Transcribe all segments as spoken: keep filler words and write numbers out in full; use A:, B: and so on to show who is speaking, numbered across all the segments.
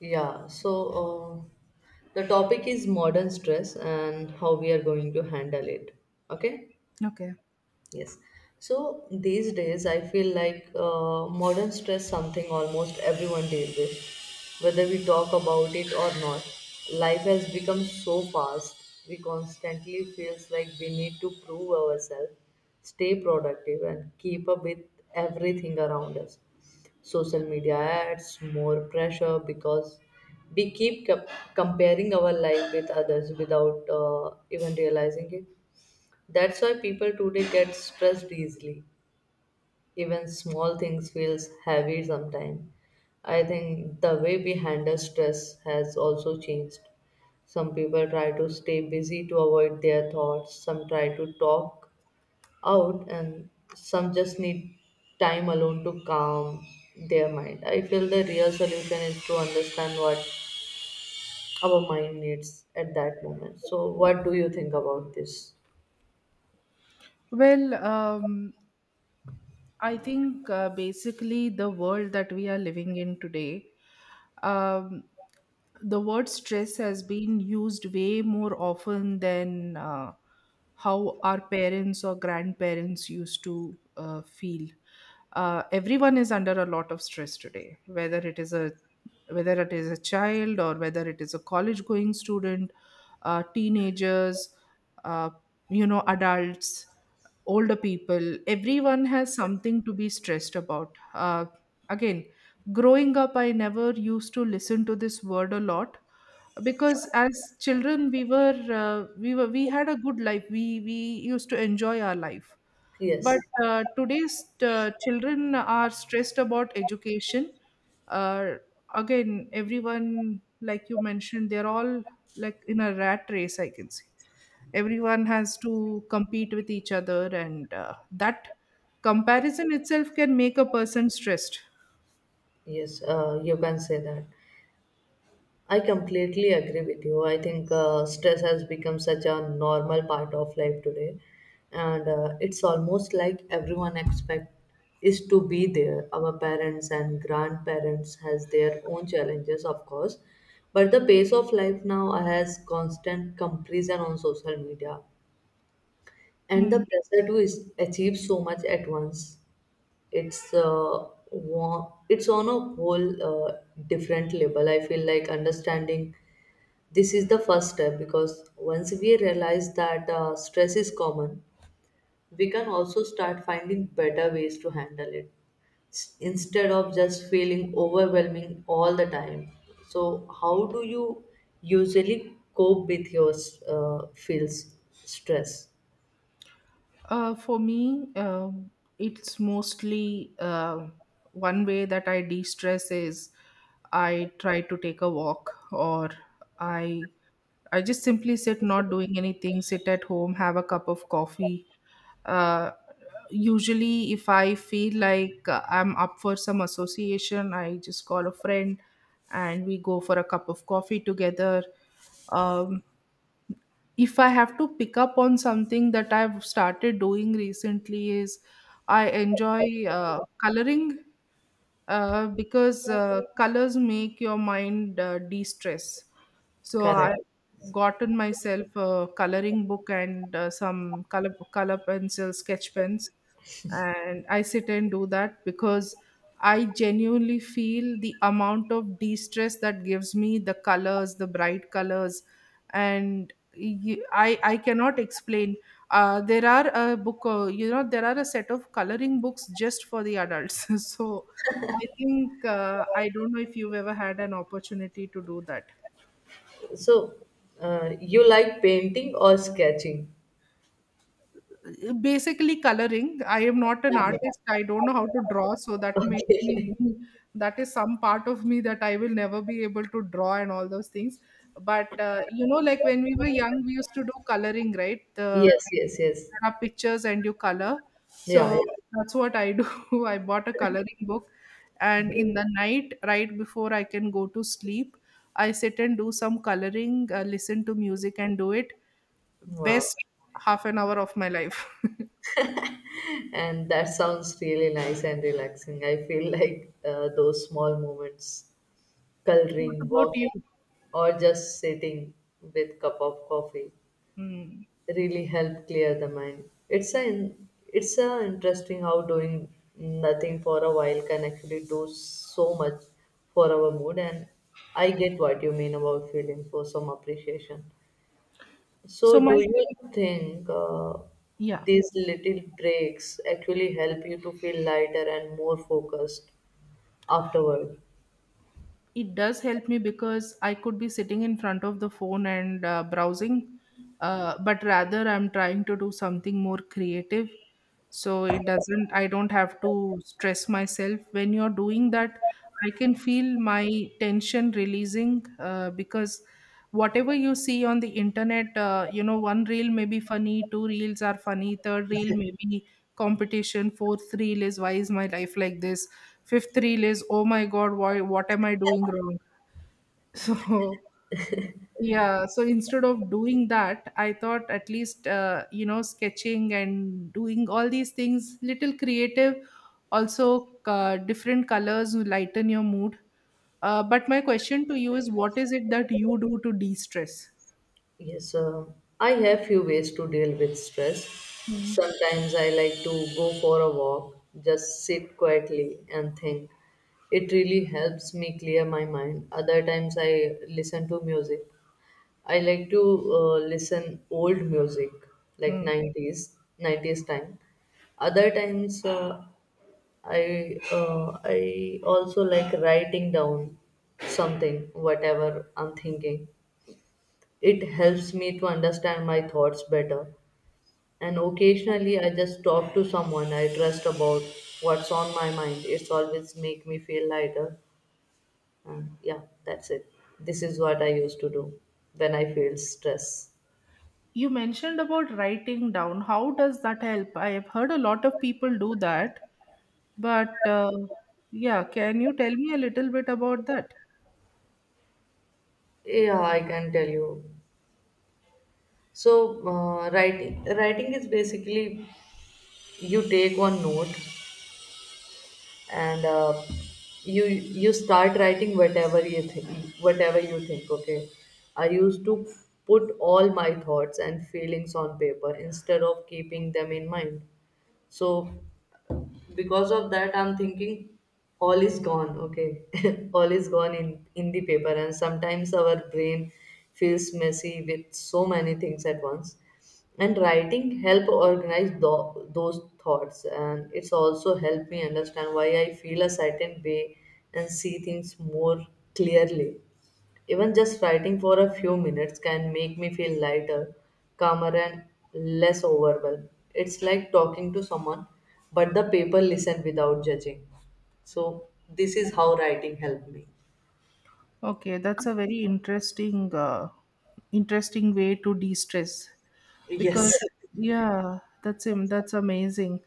A: Yeah, so uh, the topic is modern stress and how we are going to handle it. Okay?
B: Okay.
A: Yes. So these days, I feel like uh, modern stress something almost everyone deals with, whether we talk about it or not. Life has become so fast. We constantly feels like we need to prove ourselves, stay productive, and keep up with everything around us. Social media adds more pressure because we keep co- comparing our life with others without uh, even realizing it. That's why people today get stressed easily. Even small things feels heavy sometimes. I think the way we handle stress has also changed. Some people try to stay busy to avoid their thoughts, some try to talk out, and some just need time alone to calm their mind. I feel the real solution is to understand what our mind needs at that moment. So what do you think about this?
B: Well, um, I think uh, basically the world that we are living in today, um, the word stress has been used way more often than uh, how our parents or grandparents used to uh, feel. Uh, everyone is under a lot of stress today, whether it is a whether it is a child, or whether it is a college going student, uh, teenagers, uh, you know, adults, older people. Everyone has something to be stressed about. Uh, again, growing up, I never used to listen to this word a lot because as children we were uh, we were we had a good life. We we used to enjoy our life.
A: Yes.
B: But uh, today's uh, children are stressed about education. uh, Again, everyone, like you mentioned, they're all like in a rat race, I can say. Everyone has to compete with each other, and uh, that comparison itself can make a person stressed.
A: Yes, uh, you can say that. I completely agree with you. I think uh, stress has become such a normal part of life today, and uh, it's almost like everyone expect is to be there. Our parents and grandparents has their own challenges, of course, but the pace of life now has constant comparison on social media, and the
B: Hmm.
A: pressure to is achieve so much at once. It's uh, wa- it's on a whole uh, different level. I feel like understanding this is the first step because once we realize that uh, stress is common, we can also start finding better ways to handle it S- instead of just feeling overwhelming all the time. So, how do you usually cope with your uh, feels stress?
B: Uh, for me, um it's mostly uh, one way that I de stress is I try to take a walk, or I I just simply sit, not doing anything, sit at home, have a cup of coffee. Uh, Usually, if I feel like uh, I'm up for some association, I just call a friend, and we go for a cup of coffee together. Um, if I have to pick up on something that I've started doing recently, is I enjoy uh, coloring, uh, because uh, colors make your mind uh, de-stress. So I
A: Correct.
B: gotten myself a coloring book and uh, some color color pencils, sketch pens, and I sit and do that, because I genuinely feel the amount of de-stress that gives me, the colors, the bright colors, and y- i i cannot explain. Uh, there are a book, uh, you know there are a set of coloring books just for the adults. So I think uh, I don't know if you've ever had an opportunity to do that.
A: So, uh, you like painting or sketching?
B: Uh, Basically, coloring. I am not an artist. I don't know how to draw, so that makes me
A: Okay.
B: that is some part of me that I will never be able to draw and all those things. But uh, you know, like when we were young, we used to do coloring, right? The
A: Yes, yes, yes.
B: there are pictures and you color.
A: Yeah,
B: So
A: yeah.
B: that's what I do. I bought a coloring book, and in
A: Great.
B: the night, right before I can go to sleep, I sit and do some coloring, uh, listen to music, and do it.
A: Wow.
B: Best half an hour of my life.
A: And that sounds really nice and relaxing. I feel like uh, those small moments,
B: What
A: coloring,
B: about
A: walking,
B: you?
A: or just sitting with cup of coffee,
B: Hmm.
A: really help clear the mind. It's an it's a interesting how doing nothing for a while can actually do so much for our mood, and I get what you mean about feeling for some appreciation. So,
B: So
A: do
B: my
A: you think uh,
B: Yeah.
A: these little breaks actually help you to feel lighter and more focused afterward?
B: It does help me because I could be sitting in front of the phone and uh, browsing, uh, but rather I'm trying to do something more creative. So it doesn't, I don't have to stress myself. When you're doing that, I can feel my tension releasing uh, because whatever you see on the internet, uh, you know, one reel may be funny, two reels are funny, third reel may be competition, fourth reel is why is my life like this? Fifth reel is oh my god why what am I doing wrong. So yeah, so instead of doing that, I thought at least uh, you know sketching and doing all these things, little creative. Also uh, different colors lighten your mood. Uh, but my question to you is, what is it that you do to de-stress?
A: Yes, uh, I have few ways to deal with stress.
B: Hmm.
A: Sometimes I like to go for a walk, just sit quietly and think. It really helps me clear my mind. Other times I listen to music. I like to uh, listen old music like
B: Hmm.
A: nineties, nineties time. Other times uh, I uh, I also like writing down something, whatever I'm thinking. It helps me to understand my thoughts better. And occasionally, I just talk to someone I trust about what's on my mind. It's always make me feel lighter. And yeah, that's it. This is what I used to do when I feel stress.
B: You mentioned about writing down. How does that help? I have heard a lot of people do that, but uh, yeah, can you tell me a little bit about that?
A: Yeah, I can tell you. So, uh, writing writing is basically you take one note and uh, you you start writing whatever you think whatever you think Okay, I used to put all my thoughts and feelings on paper instead of keeping them in mind. So because of that I'm thinking all is gone. Okay. All is gone in in the paper. And sometimes our brain feels messy with so many things at once, and writing help organize tho- those thoughts, and it's also helped me understand why I feel a certain way and see things more clearly. Even just writing for a few minutes can make me feel lighter, calmer, and less overwhelmed. It's like talking to someone, but the paper listen without judging. So this is how writing helped me.
B: Okay, that's a very interesting uh, interesting way to de-stress
A: Yes.
B: because yeah, that's him. That's amazing.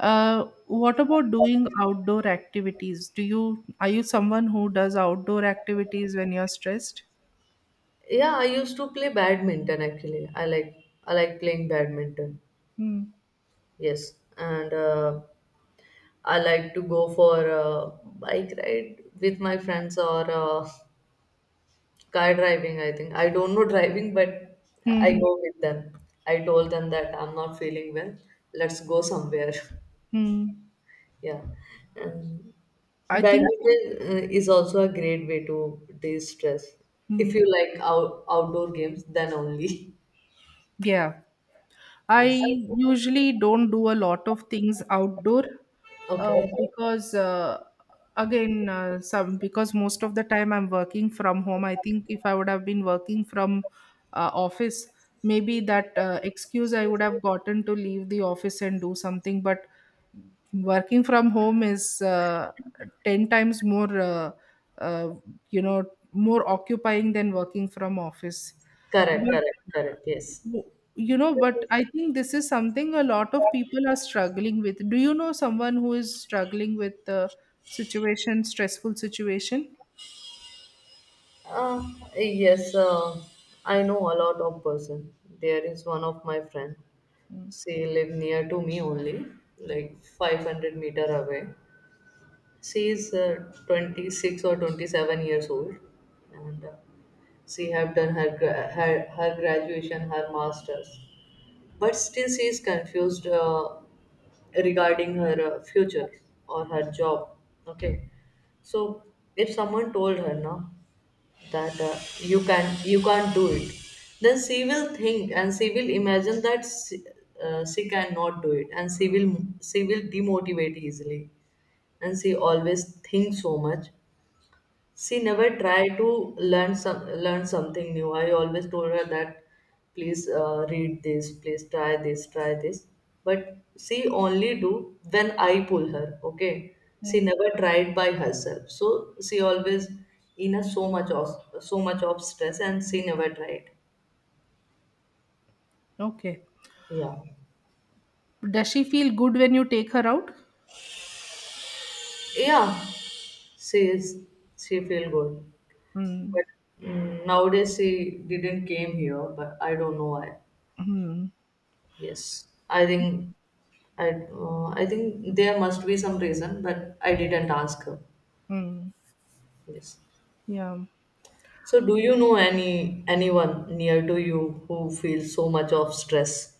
B: Uh, what about doing outdoor activities? Do you Are you someone who does outdoor activities when you're stressed?
A: Yeah, I used to play badminton actually. I like I like playing badminton.
B: Hmm.
A: Yes, and uh, I like to go for a bike ride with my friends or uh, car driving, I think. I don't know driving, but
B: Hmm.
A: I
B: Hmm.
A: go with them. I told them that I'm not feeling well. Let's go somewhere.
B: Hmm.
A: Yeah. And
B: I think
A: badminton uh, is also a great way to de-stress. If you
B: hmm.
A: like out- outdoor games, then only.
B: Yeah. I
A: Yes.
B: usually don't do a lot of things outdoor, uh,
A: Okay.
B: because uh, again, uh, some because most of the time I'm working from home. I think if I would have been working from uh, office, maybe that uh, excuse I would have gotten to leave the office and do something. But working from home is uh, ten times more uh, uh, you know more occupying than working from office.
A: Correct,
B: But
A: correct, correct. Yes.
B: you know, but I think this is something a lot of people are struggling with. Do you know someone who is struggling with the situation, stressful situation?
A: Uh, yes, uh, I know a lot of person. There is one of my friend.
B: Mm.
A: She live near to me only, like five hundred meter away. She is uh, twenty-six or twenty-seven years old, and uh, she have done her, gra- her her graduation, her masters, but still she is confused uh, regarding her uh, future or her job. Okay. So if someone told her now that uh, you can you can't do it, then she will think and she will imagine that she, uh, she cannot do it, and she will she will demotivate easily. And she always thinks so much. She never tried to learn some learn something new. I always told her that please uh, read this, please try this, try this. But she only do when I pull her. Okay, she never tried by herself. So she always in a so much of so much of stress, and she never tried.
B: Okay.
A: Yeah,
B: Does she feel good when you take her out?
A: yeah. She is she feel good,
B: Mm.
A: but mm, nowadays she didn't came here. But I don't know why.
B: Mm.
A: Yes, I think I uh, I think there must be some reason, but I didn't ask her.
B: Mm.
A: Yes.
B: Yeah.
A: So do you know any anyone near to you who feels so much of stress?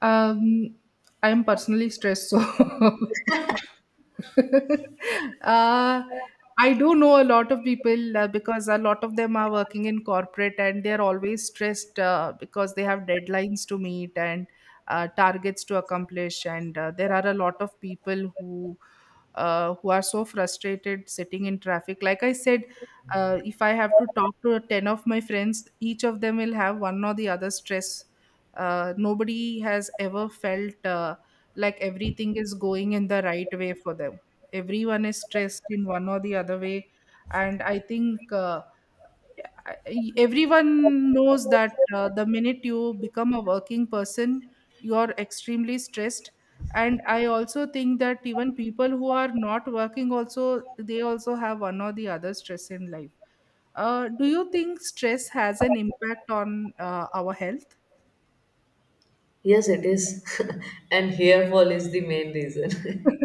B: Um, I'm personally stressed, so uh, I do know a lot of people, uh, because a lot of them are working in corporate and they're always stressed, uh, because they have deadlines to meet and uh, targets to accomplish. And uh, there are a lot of people who uh, who are so frustrated sitting in traffic. Like I said, uh, if I have to talk to ten of my friends, each of them will have one or the other stress. Uh, nobody has ever felt. Uh, like everything is going in the right way for them. Everyone is stressed in one or the other way. And I think uh, I- everyone knows that uh, the minute you become a working person, you are extremely stressed. And I also think that even people who are not working also, they also have one or the other stress in life. Uh, do you think stress has an impact on uh, our health?
A: Yes, it is. And hair fall is the main reason.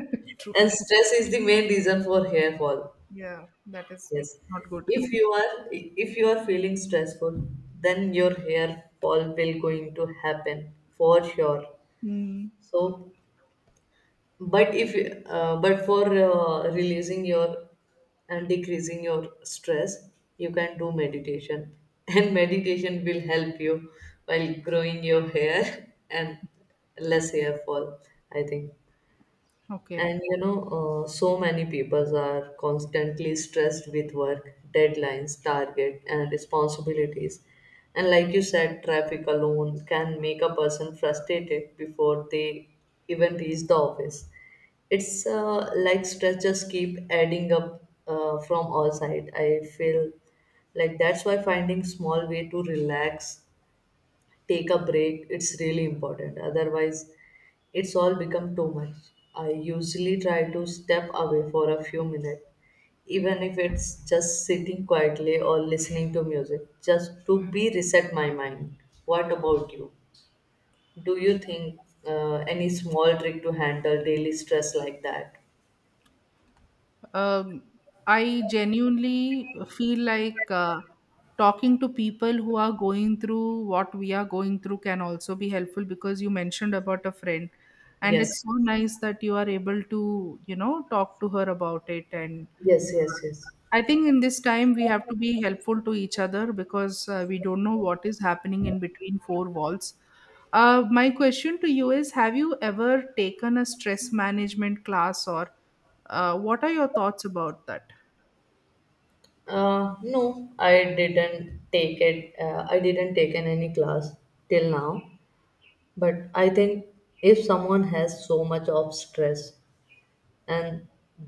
A: And
B: True.
A: stress is the main reason for hair fall.
B: Yeah, that is
A: Yes.
B: not good.
A: If you are if you are feeling stressful, then your hair fall will going to happen for sure.
B: Mm,
A: So but if uh, but for uh, releasing your and decreasing your stress, you can do meditation. And meditation will help you while growing your hair and less hair fall, I think.
B: okay.
A: And you know, uh, so many people are constantly stressed with work, deadlines, target, and responsibilities. And like you said, traffic alone can make a person frustrated before they even reach the office. It's uh, like stress just keep adding up uh, from all side. I feel like that's why finding small way to relax, take a break, it's really important. Otherwise it's all become too much. I usually try to step away for a few minutes, even if it's just sitting quietly or listening to music, just to be reset my mind. What about you? Do you think uh, any small trick to handle daily stress like that?
B: um, I genuinely feel like uh, talking to people who are going through what we are going through can also be helpful because you mentioned about a friend, and
A: Yes,
B: it's so nice that you are able to, you know, talk to her about it. And
A: yes, yes. Yes,
B: I think in this time we have to be helpful to each other because uh, we don't know what is happening in between four walls. Uh, my question to you is, have you ever taken a stress management class, or uh, what are your thoughts about that?
A: uh, no, i didn't take it uh, I didn't take an any class till now. But I think if someone has so much of stress, and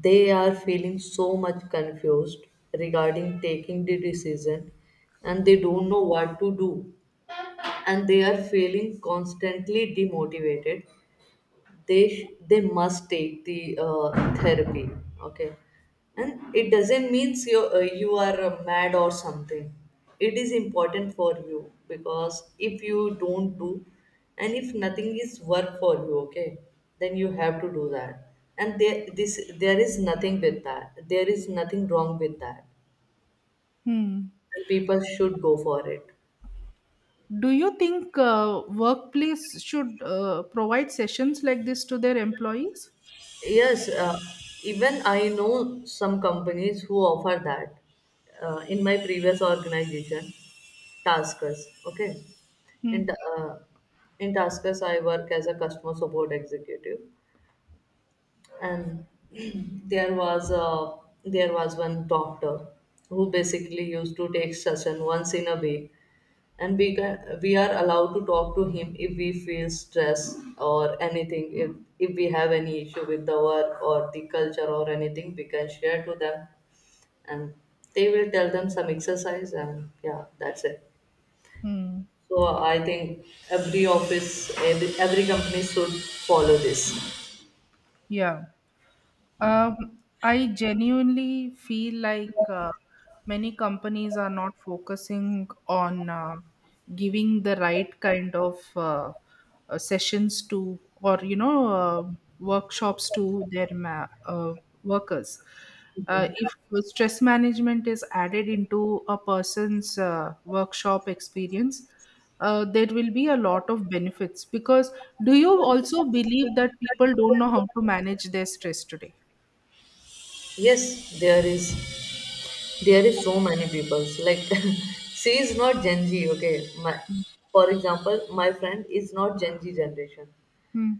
A: they are feeling so much confused regarding taking the decision, and they don't know what to do, and they are feeling constantly demotivated, they sh- they must take the uh, therapy. Okay. And it doesn't mean you uh, you are uh, mad or something. It is important for you because if you don't do, and if nothing is work for you, okay, then you have to do that. And there this there is nothing with that, there is nothing wrong with that.
B: Hmm.
A: And people should go for it.
B: Do you think uh, workplace should uh, provide sessions like this to their employees?
A: Yes, uh, even I know some companies who offer that. Uh, in my previous organization, Taskers. Okay, in ta-
B: Hmm.
A: uh, in Taskers, I work as a customer support executive, and there was a there was one doctor who basically used to take session once in a week, and we can, we are allowed to talk to him if we feel stress or anything. if if we have any issue with the work or the culture or anything, we can share to them, and they will tell them some exercise, and yeah, that's it.
B: Hmm.
A: So I think every office, every, every company should follow this.
B: Yeah. Um, I genuinely feel like uh, many companies are not focusing on uh, giving the right kind of uh, uh, sessions to, or you know, uh, workshops to their ma- uh, workers. Uh, if stress management is added into a person's uh, workshop experience, uh, there will be a lot of benefits. Because do you also believe that people don't know how to manage their stress today?
A: yes there is there is so many people like she is not gen z. Okay, my, for example, my friend is not gen z generation.
B: Hmm.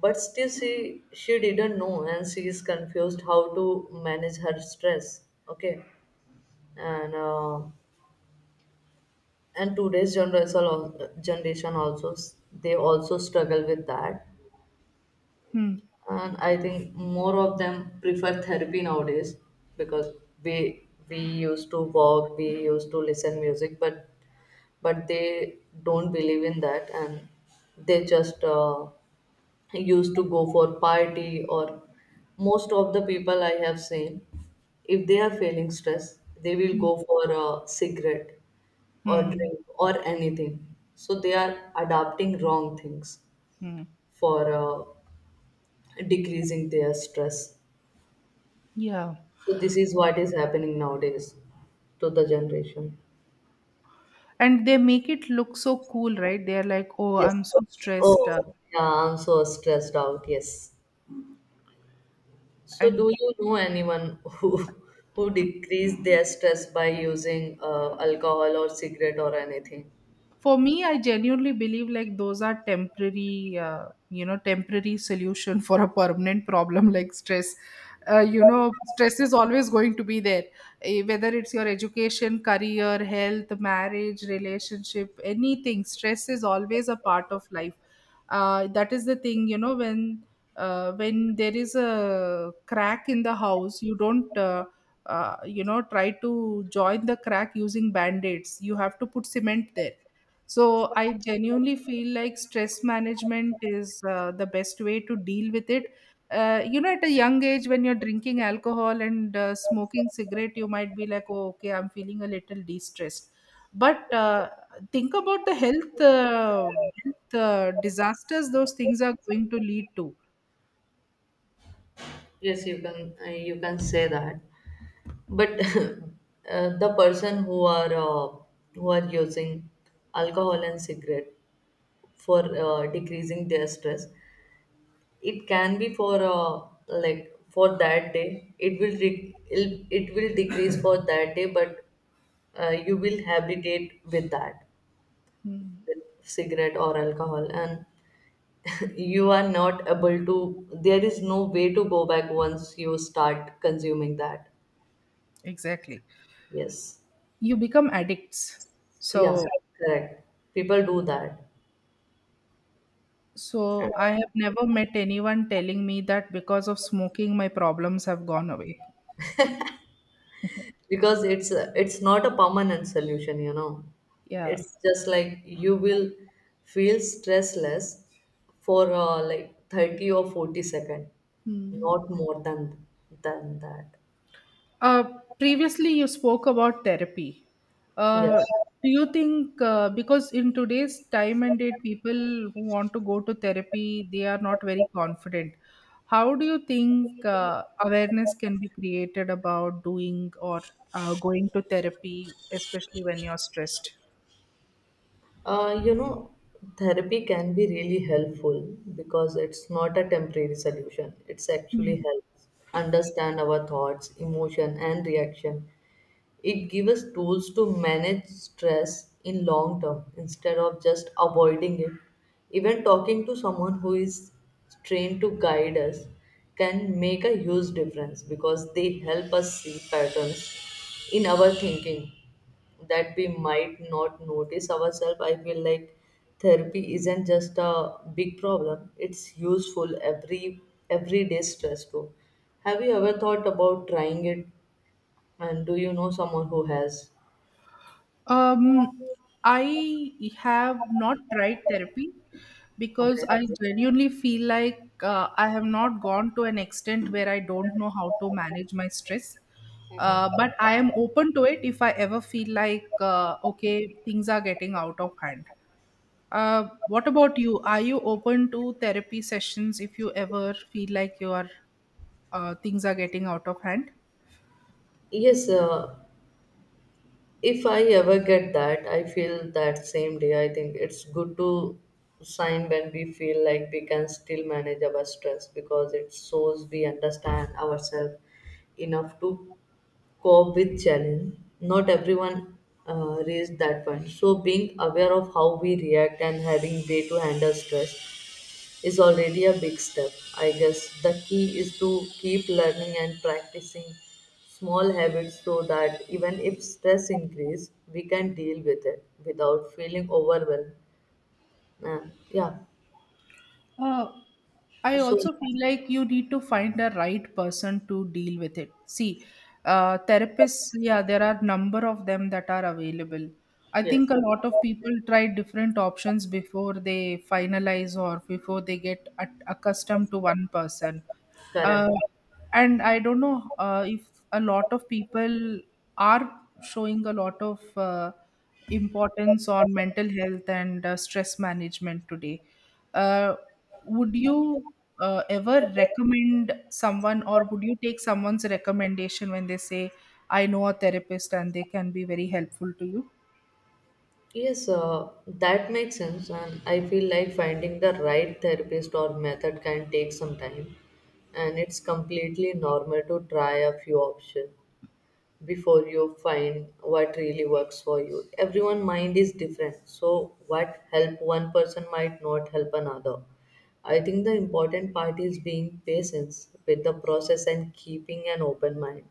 A: But still, she she didn't know, and she is confused how to manage her stress. Okay, and uh, and today's generation al- generation also s- they also struggle with that,
B: Hmm.
A: and I think more of them prefer therapy nowadays because we we used to walk, we used to listen music, but but they don't believe in that, and they just uh, used to go for party. Or most of the people I have seen, if they are feeling stress, they will go for a cigarette or
B: Hmm.
A: drink or anything. So they are adopting wrong things
B: Hmm.
A: for uh, decreasing their stress.
B: Yeah.
A: So this is what is happening nowadays to the generation.
B: And they make it look so cool, right? They're like, "Oh,
A: Yes.
B: I'm so stressed," uh,
A: Oh yeah, I'm so stressed out, yes. So, do
B: and
A: you know anyone who who decrease their stress by using uh, alcohol or cigarette or anything?
B: for me, I genuinely believe like those are temporary, uh, you know temporary solution for a permanent problem like stress. Uh, you know stress is always going to be there. Eh, whether it's your education, career, health, marriage, relationship, anything, stress is always a part of life. Uh, that is the thing, you know, when uh, when there is a crack in the house, you don't uh, uh, you know try to join the crack using band-aids, you have to put cement there. So I genuinely feel like stress management is uh, the best way to deal with it. Uh, you know, at a young age, when you're drinking alcohol and uh, smoking cigarette, you might be like, "Oh, okay, I'm feeling a little de-stressed." But uh, think about the health, uh, health uh, disasters those things are going to lead to.
A: Yes, you can uh, you can say that. But uh, the person who are uh, who are using alcohol and cigarette for uh, decreasing their stress, it can be for uh, like for that day. It will re- it'll- it will decrease for that day, but uh, you will habitate with that
B: Hmm,
A: cigarette or alcohol and you are not able to there is no way to go back once you start consuming that.
B: exactly.
A: Yes,
B: You become addicts.
A: yeah. So,
B: So
A: correct, people do that
B: so I have never met anyone telling me that because of smoking my problems have gone away.
A: because it's a- it's not a permanent solution, you know.
B: Yeah.
A: It's just like you will feel stressless for uh, like thirty or forty second,
B: Hmm.
A: not more than than that.
B: Uh, Previously, you spoke about therapy.
A: Yes.
B: Uh, do you think, uh, because in today's time and date, people who want to go to therapy, they are not very confident. How do you think uh, awareness can be created about doing or uh, going to therapy, especially when you're stressed?
A: Uh, you know, therapy can be really helpful because it's not a temporary solution. It's actually helps understand our thoughts, emotion, and reaction. It gives us tools to manage stress in long term instead of just avoiding it. Even talking to someone who is trained to guide us can make a huge difference because they help us see patterns in our thinking that we might not notice ourselves. I feel like therapy isn't just a big problem; it's useful every everyday stress too. Have you ever thought about trying it? And do you know someone who has?
B: Um, I have not tried therapy because I
A: Okay.
B: genuinely feel like uh, I have not gone to an extent where I don't know how to manage my stress. Uh, but I am open to it if I ever feel like, uh, okay, things are getting out of hand. Uh, what about you? Are you open to therapy sessions if you ever feel like your uh, things are getting out of hand?
A: Yes, uh, if I ever get that, I feel that same day. I think it's good to sign when we feel like we can still manage our stress because it shows we understand ourselves enough to cope with challenge. Not everyone uh, reaches that point. So being aware of how we react and having way to handle stress is already a big step. I guess the key is to keep learning and practicing small habits so that even if stress increase, we can deal with it without feeling overwhelmed. Uh, yeah.
B: Uh, I
A: So
B: also feel like you need to find the right person to deal with it. See, uh, therapists, yeah, there are number of them that are available. I
A: yes,
B: think a lot of people try different options before they finalize or before they get at- accustomed to one person. Uh,
A: correct.
B: and I don't know uh, if a lot of people are showing a lot of uh, importance on mental health and uh, stress management today. Uh, would you uh, ever recommend someone, or would you take someone's recommendation when they say, "I know a therapist and they can be very helpful to you"?
A: Yes, uh, that makes sense, and I feel like finding the right therapist or method can take some time, and it's completely normal to try a few options before you find what really works for you. Everyone' mind is different, so what help one person might not help another. I think the important part is being patient with the process and keeping an open mind.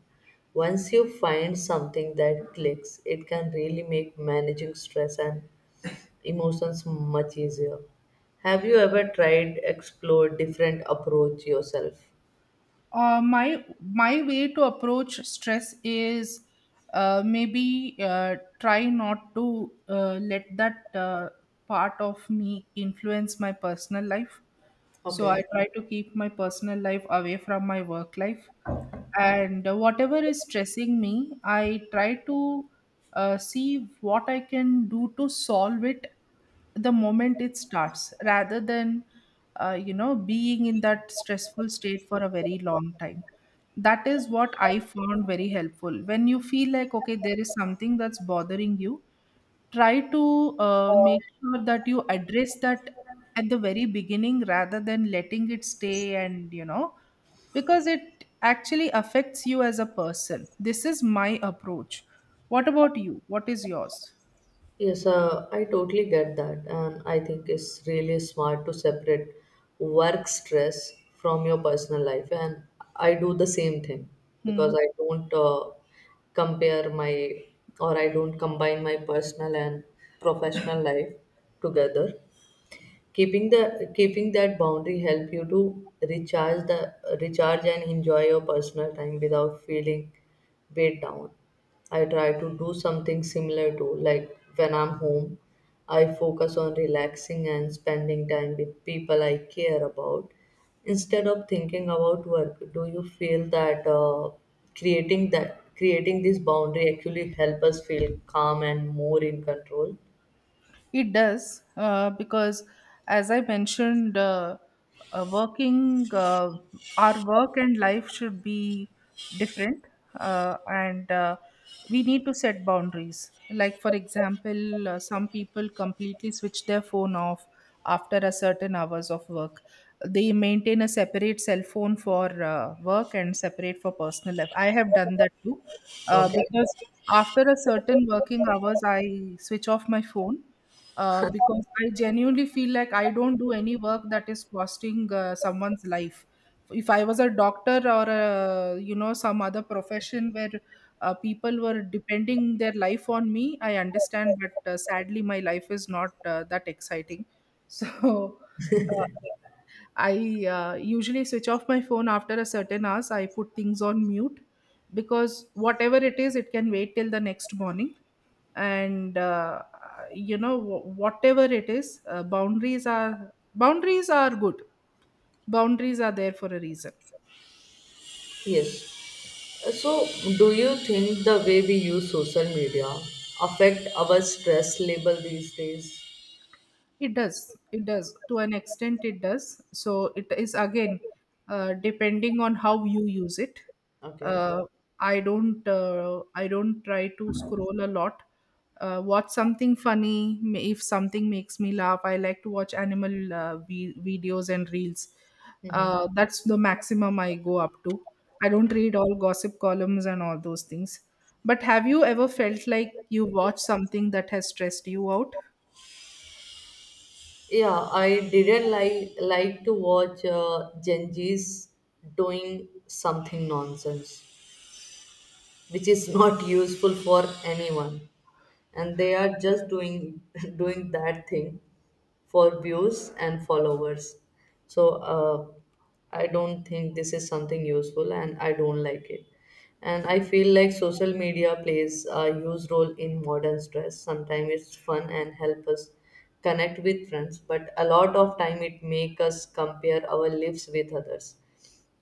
A: Once you find something that clicks, it can really make managing stress and emotions much easier. Have you ever tried explore different approach yourself?
B: Uh, my my way to approach stress is, uh, maybe uh, try not to uh, let that uh, part of me influence my personal life. So I
A: Okay.
B: try to keep my personal life away from my work life. And uh, whatever is stressing me, I try to uh, see what I can do to solve it the moment it starts, rather than uh, you know being in that stressful state for a very long time. That is what I found very helpful. When you feel like, okay, there is something that's bothering you, try to uh, make sure that you address that at the very beginning, rather than letting it stay, and you know because it actually affects you as a person. This is my approach. What about you? What is yours?
A: Yes, uh, I totally get that, and I think it's really smart to separate work stress from your personal life. And I do the same thing
B: Hmm.
A: because I don't uh, compare my or I don't combine my personal and professional life together. Keeping the keeping that boundary help you to recharge the recharge and enjoy your personal time without feeling weighed down. I try to do something similar to, like, when I'm home, I focus on relaxing and spending time with people I care about instead of thinking about work. Do you feel that uh, creating that creating this boundary actually help us feel calm and more in control?
B: It does, uh, because as I mentioned, uh, uh, working, uh, our work and life should be different, uh, and uh, we need to set boundaries. Like, for example, uh, some people completely switch their phone off after a certain hours of work. They maintain a separate cell phone for uh, work and separate for personal life. I have done that too, uh,
A: Okay.
B: because after a certain working hours, I switch off my phone uh, because I genuinely feel like I don't do any work that is costing uh, someone's life. If I was a doctor or a, you know, some other profession where uh, people were depending their life on me, I understand. But uh, sadly, my life is not uh, that exciting. So uh, I uh, usually switch off my phone after a certain hours. I put things on mute because whatever it is, it can wait till the next morning. And uh, you know wh- whatever it is, uh, boundaries are boundaries are good. Boundaries are there for a reason.
A: Yes. So, do you think the way we use social media affect our stress level these days?
B: It does. It does. To an extent, it does. So it is again uh, depending on how you use it.
A: Okay.
B: Uh, I don't. Uh, I don't try to scroll a lot. Uh, watch something funny. ma- If something makes me laugh, I like to watch animal uh, vi- videos and reels.
A: Hmm.
B: Uh, that's the maximum I go up to. I don't read all gossip columns and all those things. But have you ever felt like you watched something that has stressed you out?
A: Yeah, I didn't like like to watch uh, Gen Z's doing something nonsense, which is not useful for anyone, and they are just doing doing that thing for views and followers. So uh, I don't think this is something useful and I don't like it. And I feel like social media plays a huge role in modern stress. Sometimes it's fun and help us connect with friends, but a lot of time it make us compare our lives with others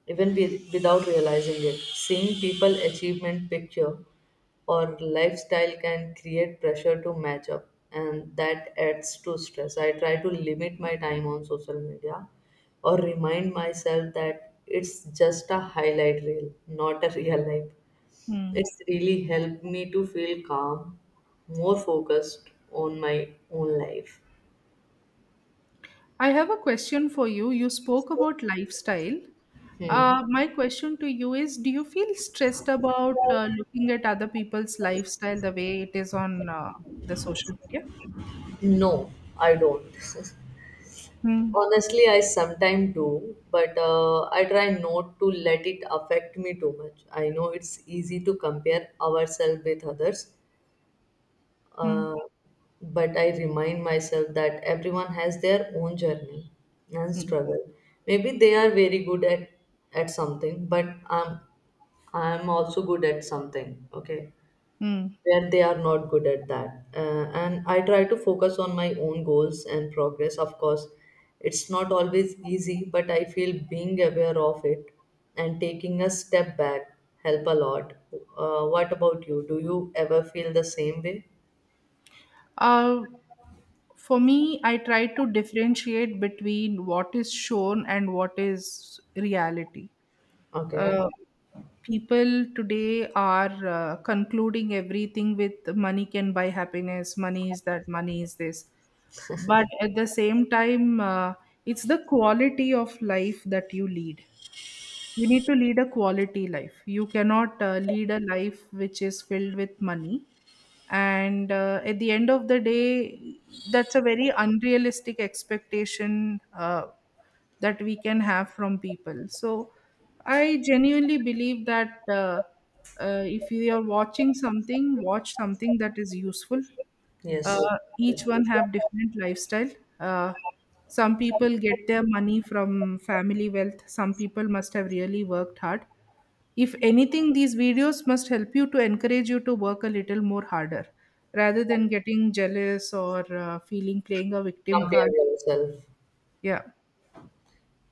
A: even with, without realizing it. Seeing people achievement picture or lifestyle can create pressure to match up and that adds to stress. I try to limit my time on social media or remind myself that it's just a highlight reel, not a real life.
B: Hmm.
A: It's really helped me to feel calm, more focused on my own life.
B: I have a question for you. You spoke about lifestyle.
A: Hmm.
B: Uh, my question to you is, do you feel stressed about uh, looking at other people's lifestyle the way it is on uh, the social media?
A: No, I don't.
B: Hmm,
A: Honestly, I sometimes do, but uh, I try not to let it affect me too much. I know it's easy to compare ourselves with others,
B: hmm,
A: uh, but I remind myself that everyone has their own journey and
B: hmm,
A: struggle. Maybe they are very good at, at something, but I'm I'm also good at something. Okay,
B: hmm.
A: where they are not good at that. Uh, and I try to focus on my own goals and progress. Of course, it's not always easy, but I feel being aware of it and taking a step back help a lot. Uh, what about you? Do you ever feel the same way?
B: Uh, for me, I try to differentiate between what is shown and what is reality.
A: Okay.
B: uh, People today are uh, concluding everything with money can buy happiness, money is that, money is this, but at the same time, uh, it's the quality of life that you lead. You need to lead a quality life. You cannot uh, lead a life which is filled with money. And uh, at the end of the day, that's a very unrealistic expectation uh, that we can have from people. So I genuinely believe that uh, uh, if you are watching something, watch something that is useful.
A: Yes.
B: uh, each one have different lifestyle. uh, some people get their money from family wealth, some people must have really worked hard. If anything, these videos must help you, to encourage you to work a little more harder, rather than getting jealous or uh, feeling, playing a victim
A: Compare
B: card.
A: yourself.
B: Yeah,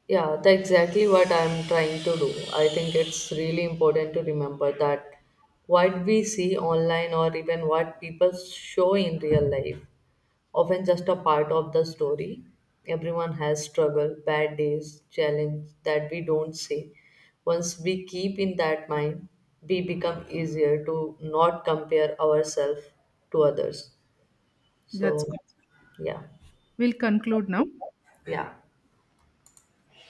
A: Yeah, that's exactly what I'm trying to do. I think it's really important to remember that what we see online or even what people show in real life often just a part of the story. Everyone has struggle, bad days, challenge that we don't see. Once we keep in that mind, we become easier to not compare ourselves to others.
B: that's
A: So
B: good.
A: yeah,
B: We'll conclude now.
A: yeah.